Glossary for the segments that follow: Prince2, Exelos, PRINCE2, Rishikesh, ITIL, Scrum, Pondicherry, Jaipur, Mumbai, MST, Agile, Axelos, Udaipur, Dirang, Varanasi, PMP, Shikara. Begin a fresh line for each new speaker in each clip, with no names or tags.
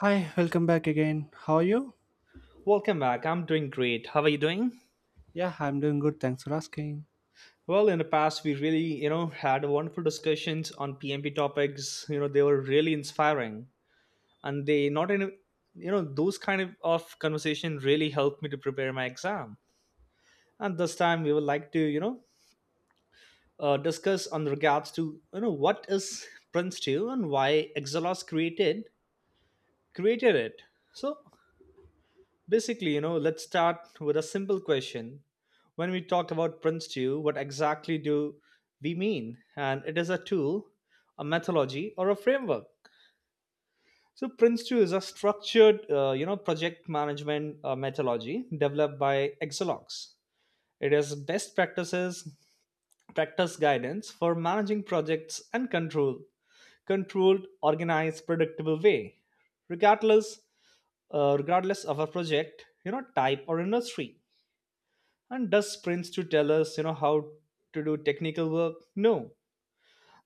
Hi, welcome back again. How are you?
Welcome back. I'm doing great. How are you doing?
Yeah, I'm doing good. Thanks for asking.
Well, in the past, we really, had wonderful discussions on PMP topics. They were really inspiring, and they not any, those kind of conversation really helped me to prepare my exam. And this time, we would like to, discuss on regards to, what is Prince2 and why Exelos created it. So Basically, let's start with a simple question. When we talk about Prince stew, what exactly do we mean? And it is a tool, a methodology, or a framework. So Prince 2 is a structured, project management methodology developed by Exelox. It is best practice guidance for managing projects and controlled, organized, predictable way, regardless, regardless of a project, type or industry. And does sprints to tell us how to do technical work. No,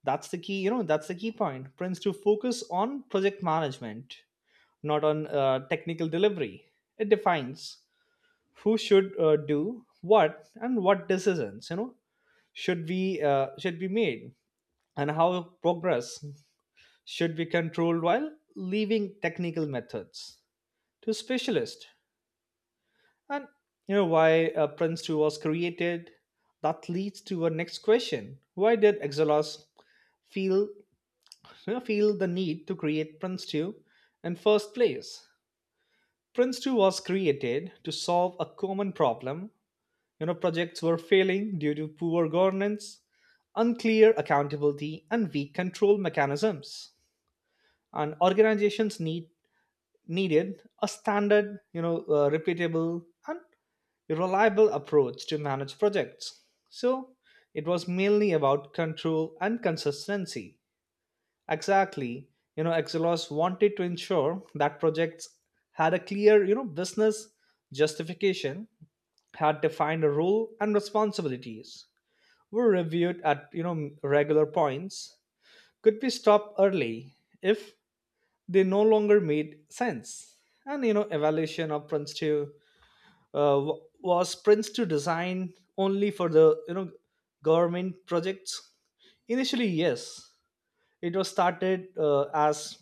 that's the key. That's the key point. Prints to focus on project management, not on technical delivery. It defines who should do what and what decisions should be made, and how progress should be controlled while leaving technical methods to specialists. And why Prince 2 was created? That leads to our next question. Why did Exelos feel feel the need to create Prince 2 in first place? Prince 2 was created to solve a common problem. Projects were failing due to poor governance, unclear accountability, and weak control mechanisms. And organizations needed a standard, repeatable and a reliable approach to manage projects. So it was mainly about control and consistency. Exactly. Exelos wanted to ensure that projects had a clear, business justification, had defined a role and responsibilities, were reviewed at, regular points, could be stopped early if they no longer made sense. And evaluation of was Prints to design only for the government projects initially. Yes, it was started as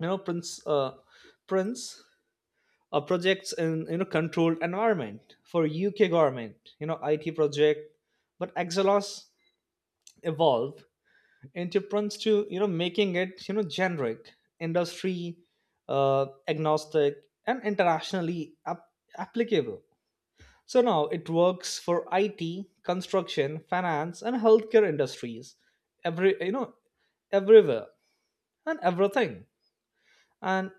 prints prints projects in controlled environment for UK government IT project. But Exelos evolved into Prints to making it generic, industry agnostic, and internationally applicable. So now it works for IT, construction, finance, and healthcare industries. Every you know, everywhere and everything. And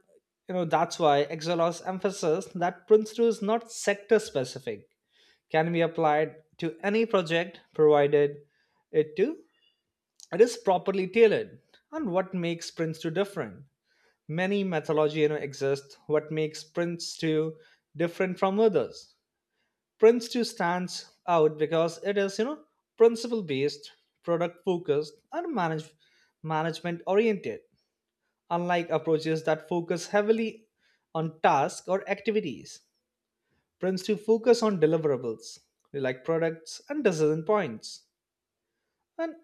that's why Exelos emphasizes that principle is not sector specific, can be applied to any project provided it to it is properly tailored. And what makes Prince 2 different? Many methodology exist. What makes Prince 2 different from others? Prince 2 stands out because it is, principle based, product focused, and management oriented, unlike approaches that focus heavily on tasks or activities. Prince 2 focus on deliverables, like products and decision points. And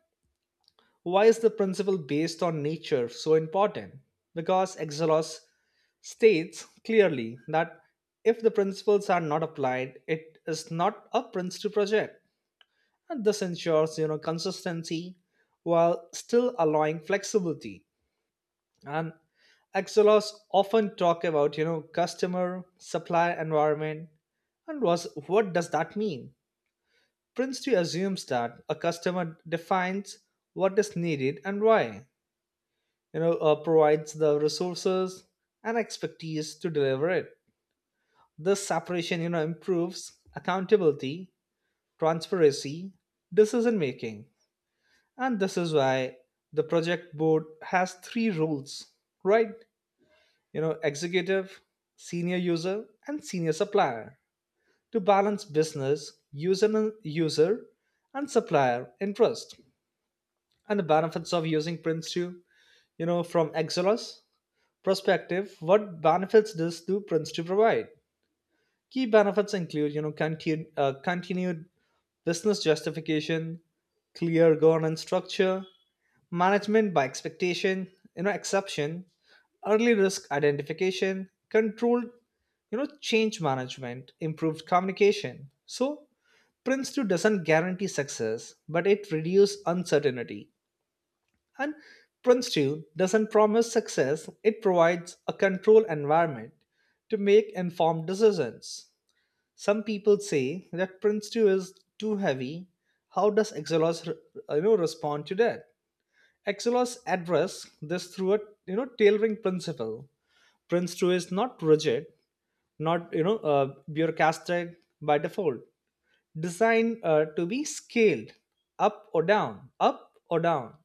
why is the principle based on nature so important? Because Exelos states clearly that if the principles are not applied, it is not a Prince 2 project. And this ensures consistency while still allowing flexibility. And xlrs often talk about customer supply environment. And was what does that mean? Prince 2 assumes that a customer defines what is needed and why, you know, provides the resources and expertise to deliver it. This separation improves accountability, transparency, decision making. And this is why the project board has three roles, right? Executive, senior user, and senior supplier, to balance business, user, and supplier interest. And the benefits of using Prince 2? From Exelos perspective, what benefits does do Prince 2 provide? Key benefits include continued business justification, clear governance structure, management by expectation you know exception, early risk identification, controlled change management, improved communication. So Prince 2 doesn't guarantee success, but it reduces uncertainty. And Prince 2 doesn't promise success. It provides a control environment to make informed decisions. Some people say that Prince 2 is too heavy. How does Exelos respond to that? Axelos address this through a tailoring principle. Prince 2 is not rigid, not bureaucratic by default. Designed to be scaled up or down.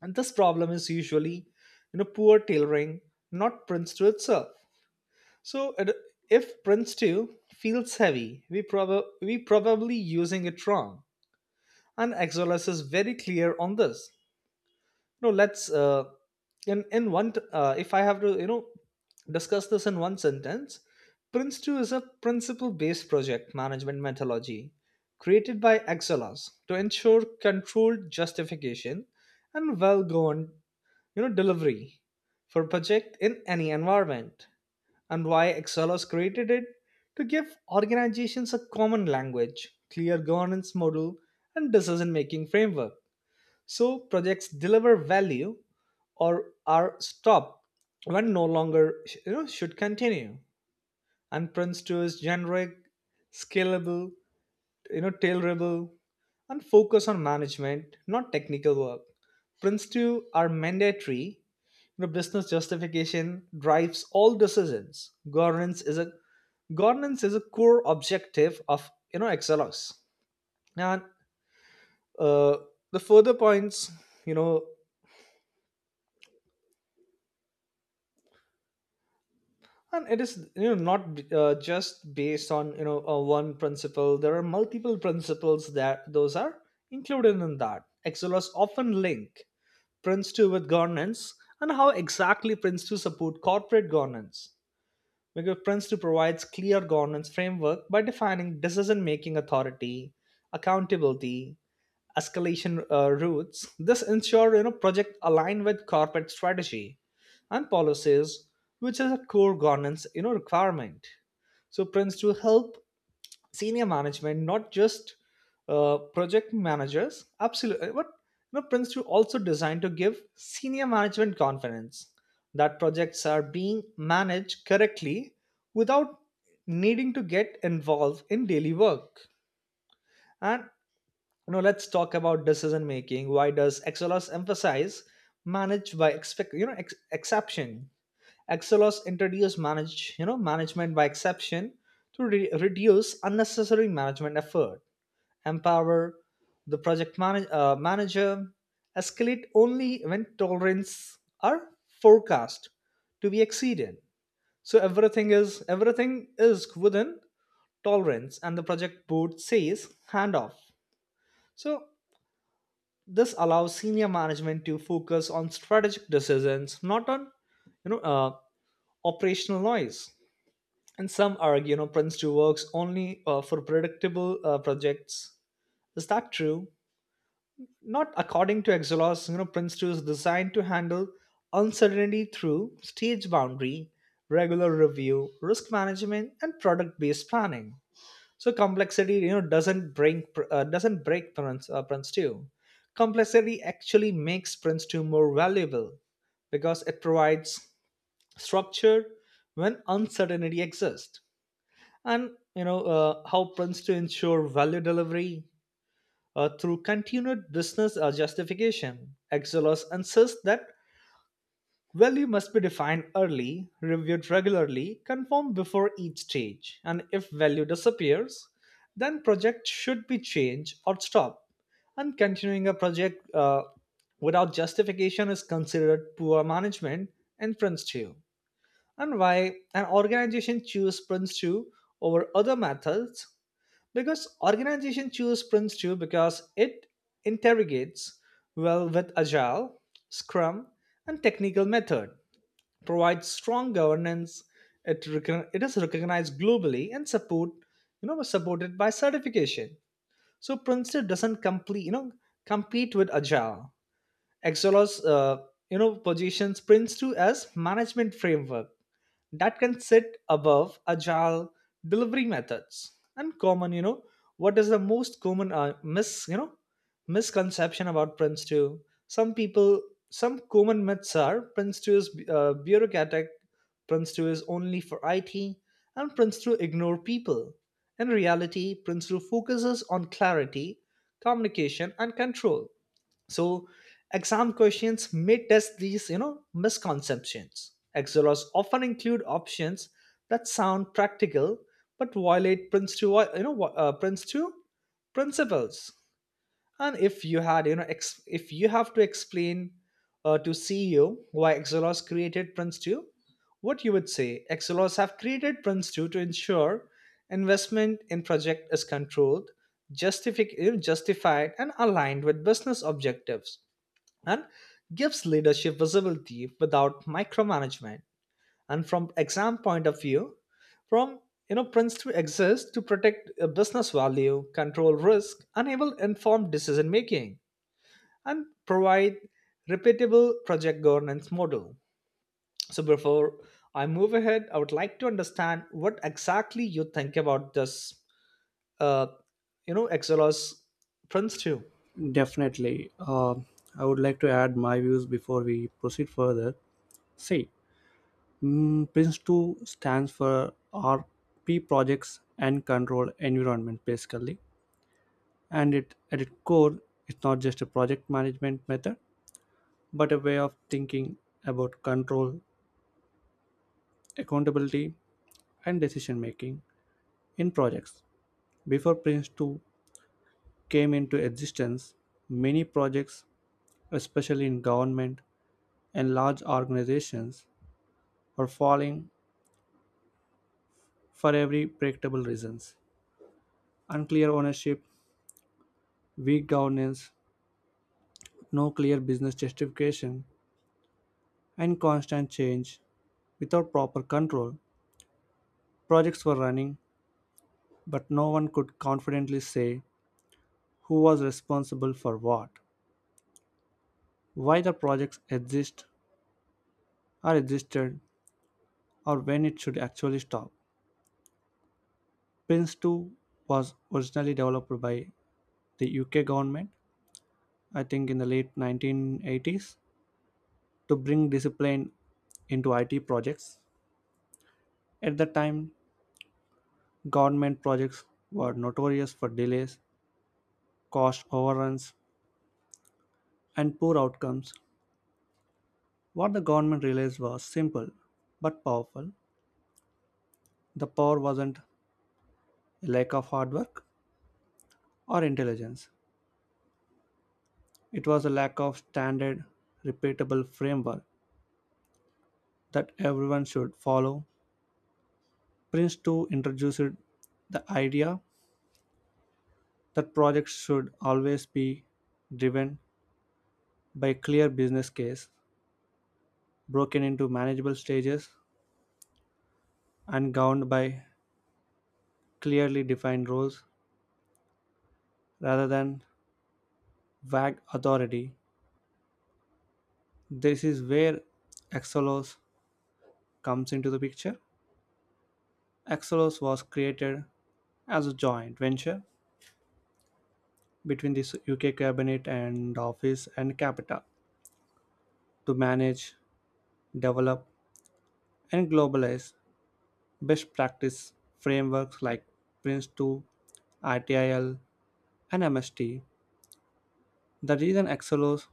And this problem is usually poor tailoring, not Prince 2 itself. So if Prince 2 feels heavy, we probably using it wrong. And Axelos is very clear on this. No, let's if I have to discuss this in one sentence. Prince 2 is a principle based project management methodology created by Excelos to ensure controlled justification and well governed delivery for project in any environment. And why Excelos created it? To give organizations a common language, clear governance model, and decision making framework, so projects deliver value or are stopped when no longer should continue. And Prince 2 is generic, scalable, tailorable, and focus on management, not technical work. Prince 2 are mandatory. Business justification drives all decisions. Governance is a core objective of Excelos. And uh, the further points, you know, and it is not just based on one principle. There are multiple principles that those are included in that. Excellers often link Prince2 with governance. And how exactly Prince2 support corporate governance? Because Prince2 provides clear governance framework by defining decision making authority, accountability, escalation routes. This ensure project align with corporate strategy and policies, which is a core governance requirement. So Prince to help senior management, not just project managers. Absolutely. But Prince 2 also designed to give senior management confidence that projects are being managed correctly without needing to get involved in daily work. And let's talk about decision making. Why does Exelos emphasize manage by expect you know ex- exception? Exelos introduced management by exception to reduce unnecessary management effort, empower the project manager, escalate only when tolerance are forecast to be exceeded. So everything is within tolerance, and the project board says hand off. So this allows senior management to focus on strategic decisions, not on you know uh, operational noise. And some argue, Prince 2 works only for predictable projects. Is that true? Not according to Exelos. Prince 2 is designed to handle uncertainty through stage boundary, regular review, risk management, and product based planning. So complexity doesn't break Prince 2. Complexity actually makes Prince 2 more valuable, because it provides structure when uncertainty exists. And how Prince 2 ensure value delivery through continued business justification. Exelos insists that value must be defined early, reviewed regularly, confirmed before each stage, and if value disappears, then project should be changed or stopped. And continuing a project without justification is considered poor management in Prince 2. And why an organization choose Prince 2 over other methods? Because organization choose Prince 2 because it interrogates well with Agile, Scrum, and technical method provides strong governance. It, it is recognized globally and supported by certification. So Princeton doesn't compete with Agile. Exelos, positions Prince2 as management framework that can sit above agile delivery methods. And common you know what is the most common misconception about Prince 2? some people some common myths are Prince 2 is bureaucratic, Prince 2 is only for IT, and Prince 2 ignore people. In reality, Prince 2 focuses on clarity, communication, and control. So exam questions may test these, misconceptions. Exolas often include options that sound practical but violate Prince two principles. And if you had, you know, ex- if you have to explain to CEO why Exelos created Prince two, what you would say? Exelos have created Prince two to ensure investment in project is controlled, justified, and aligned with business objectives, and gives leadership visibility without micromanagement. And from exam point of view, from you know Prince 3 exists to protect a business value, control risk, enable informed decision making, and provide repeatable project governance model. So before I move ahead, I would like to understand what exactly you think about this uh, Exelos Prince 2.
Definitely. I would like to add my views before we proceed further. See, PRINCE2 stands for RP Projects and Control Environment, basically. And it, at its core, it's not just a project management method, but a way of thinking about control, accountability, and decision making in projects. Before PRINCE2 came into existence, many projects, especially in government and large organizations, are falling for every predictable reasons. Unclear ownership, weak governance, no clear business justification, and constant change. Without proper control, projects were running, but no one could confidently say who was responsible for what, why the projects exist or existed, or when it should actually stop. Prince 2 was originally developed by the UK government, I think in the late 1980s, to bring discipline into IT projects. At the time, government projects were notorious for delays, cost overruns, and poor outcomes. What the government realized was simple but powerful. The power wasn't a lack of hard work or intelligence, it was a lack of standard, repeatable framework that everyone should follow. Prince 2 introduced the idea that projects should always be driven by clear business case, broken into manageable stages, and governed by clearly defined roles rather than vague authority. This is where Exelos comes into the picture. Exelos was created as a joint venture between the UK cabinet and office and Capita to manage, develop, and globalize best practice frameworks like PRINCE2, ITIL, and MST. The reason Excelos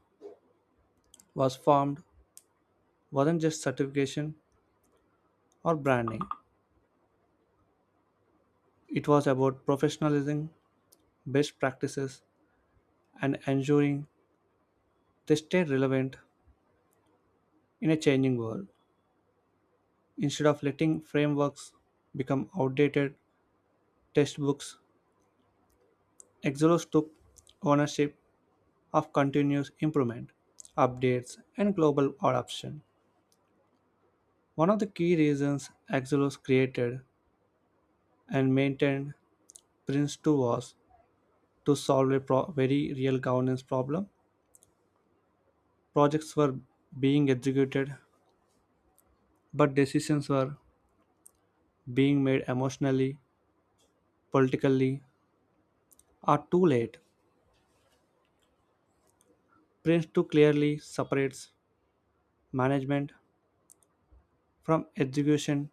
was formed wasn't just certification or branding, it was about professionalizing best practices and ensuring they stay relevant in a changing world. Instead of letting frameworks become outdated textbooks, Excelos took ownership of continuous improvement, updates, and global adoption. One of the key reasons Axelos created and maintained Prince2 was to solve a very real governance problem. Projects were being executed, but decisions were being made emotionally, politically, or too late. Prince2 clearly separates management from execution.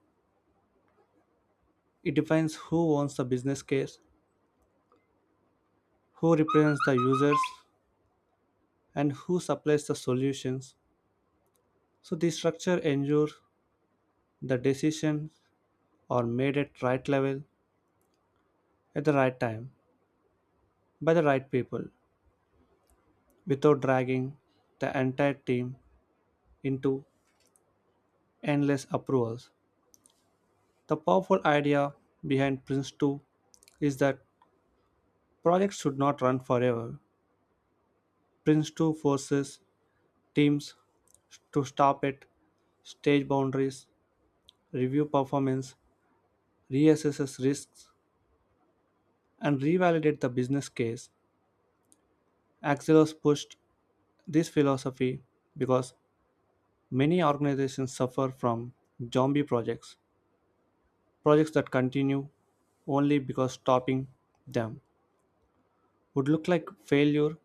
It defines who owns the business case, who represents the users, and who supplies the solutions. So, this structure ensures the decision or made at right level at the right time by the right people without dragging the entire team into endless approvals. The powerful idea behind Prince 2 is that projects should not run forever. Prince 2 forces teams to stop at stage boundaries, review performance, reassess risks, and revalidate the business case. Axelos pushed this philosophy because many organizations suffer from zombie projects, projects that continue only because stopping them would look like failure.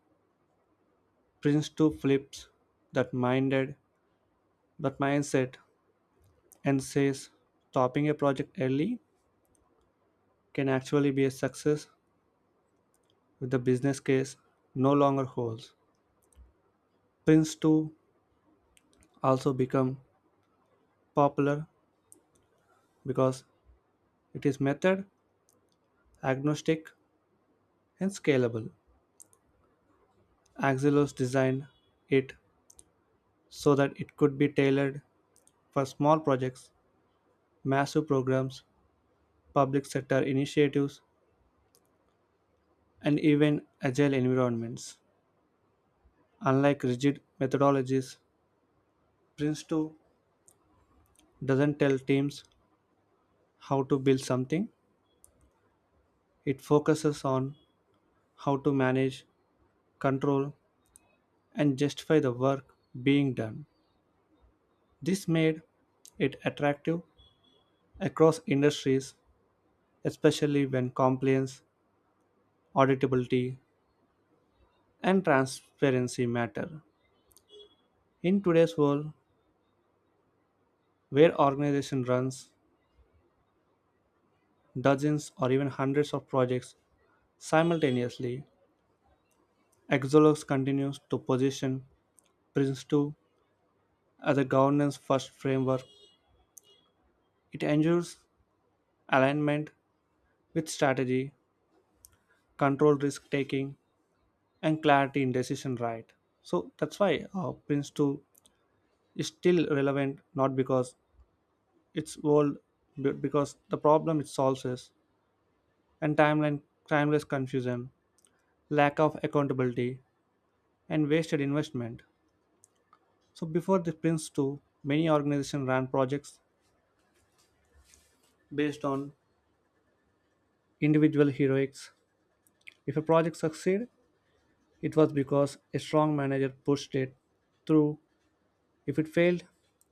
Prince 2 flips that minded that mindset and says stopping a project early can actually be a success if the business case no longer holds. Prince 2 also become popular because it is method agnostic and scalable. Axilos designed it so that it could be tailored for small projects, massive programs, public sector initiatives, and even agile environments. Unlike rigid methodologies, Prince2 doesn't tell teams how to build something, it focuses on how to manage, control, and justify the work being done. This made it attractive across industries, especially when compliance, auditability, and transparency matter. In today's world, where organization runs dozens or even hundreds of projects simultaneously, Exolux continues to position Prince2 as a governance-first framework. It ensures alignment with strategy, controlled risk-taking, and clarity in decision right. So that's why Prince2 is still relevant, not because it's old, but because the problem it solves is and timeless confusion, lack of accountability, and wasted investment. So before the Prince too, many organizations ran projects based on individual heroics. If a project succeeded, it was because a strong manager pushed it through. If it failed,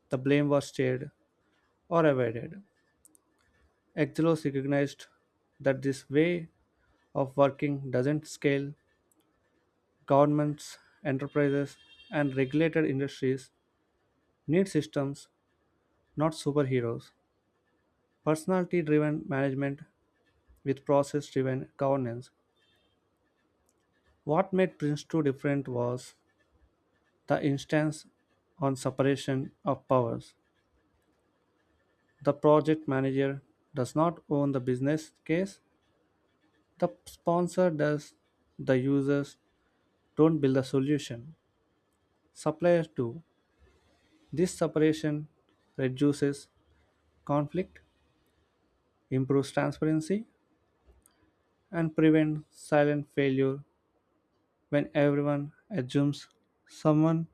the blame was shared or avoided. Exelos recognized that this way of working doesn't scale. Governments, enterprises, and regulated industries need systems, not superheroes. Personality driven management with process driven governance. What made Prince 2 different was the instance on separation of powers. The project manager does not own the business case, the sponsor does, the users don't build a solution. Suppliers do. This separation reduces conflict, improves transparency, and prevents silent failure when everyone assumes someone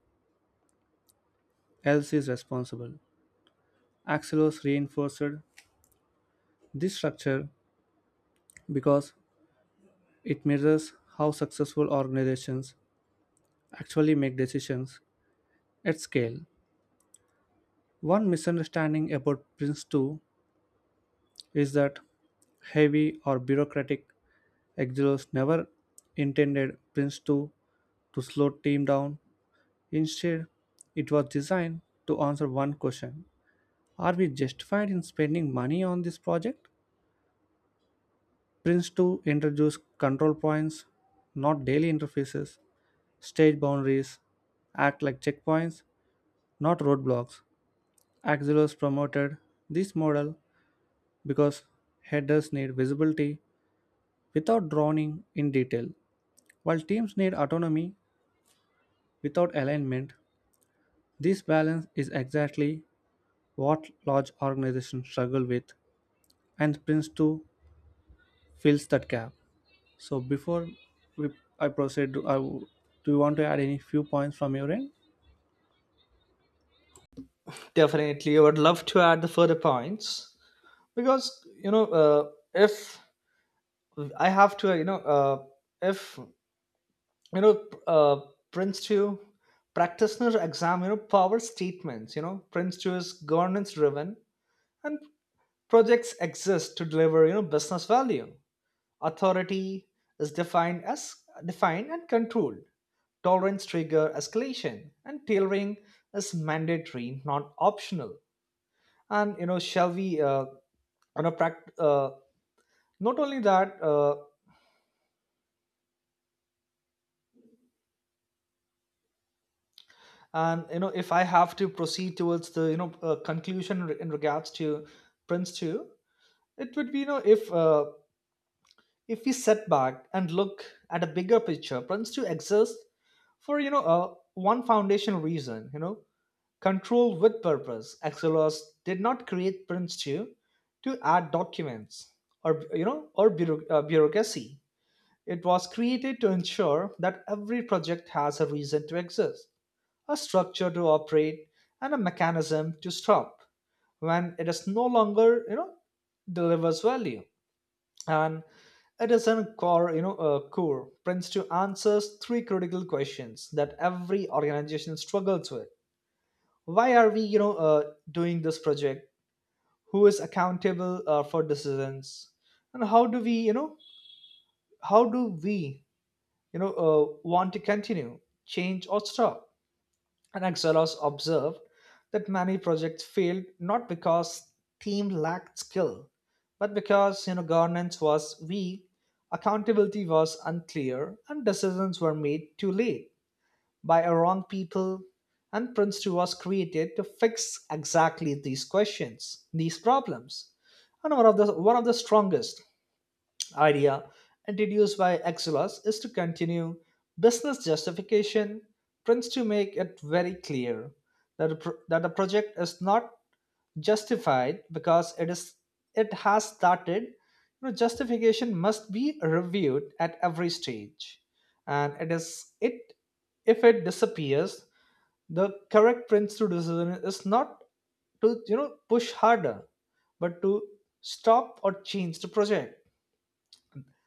else is responsible. Axelos reinforced this structure because it mirrors how successful organizations actually make decisions at scale. One misunderstanding about Prince 2 is that heavy or bureaucratic Axelos never intended Prince 2 to slow team down. Instead, it was designed to answer one question. Are we justified in spending money on this project? Prince 2 introduced control points, not daily interfaces, state boundaries act like checkpoints, not roadblocks. Axelos promoted this model because headers need visibility without drowning in detail, while teams need autonomy without alignment. This balance is exactly what large organizations struggle with, and Prince 2 fills that gap. So, before we, I proceed, do I, do you want to add any few points from your end?
Definitely, I would love to add the further points. Because if I have to if you know Prince 2 practitioner exam power statements, you know, Prince 2 is governance driven, and projects exist to deliver business value. Authority is defined and controlled. Tolerance trigger escalation, and tailoring is mandatory, not optional. And shall we on a pract- not only that and if I have to proceed towards the conclusion in regards to Prince 2, it would be if we set back and look at a bigger picture. Prince 2 exists for one foundational reason, control with purpose. Axelos did not create Prince 2 to add documents or you know or bureau- bureaucracy. It was created to ensure that every project has a reason to exist, a structure to operate, and a mechanism to stop when it is no longer delivers value. And it is a core you know core principle to answers three critical questions that every organization struggles with. Why are we doing this project? Who is accountable for decisions? And how do we want to continue, change or stop? And Axelos observed that many projects failed not because team lacked skill, but because governance was weak, accountability was unclear, and decisions were made too late by a wrong people. And Prince 2 was created to fix exactly these questions, these problems. And one of the strongest idea introduced by Exelos is to continue business justification, tends to make it very clear that a project is not justified because it has started. Justification must be reviewed at every stage, and it is it if it disappears, the correct Prince to decision is not to push harder, but to stop or change the project.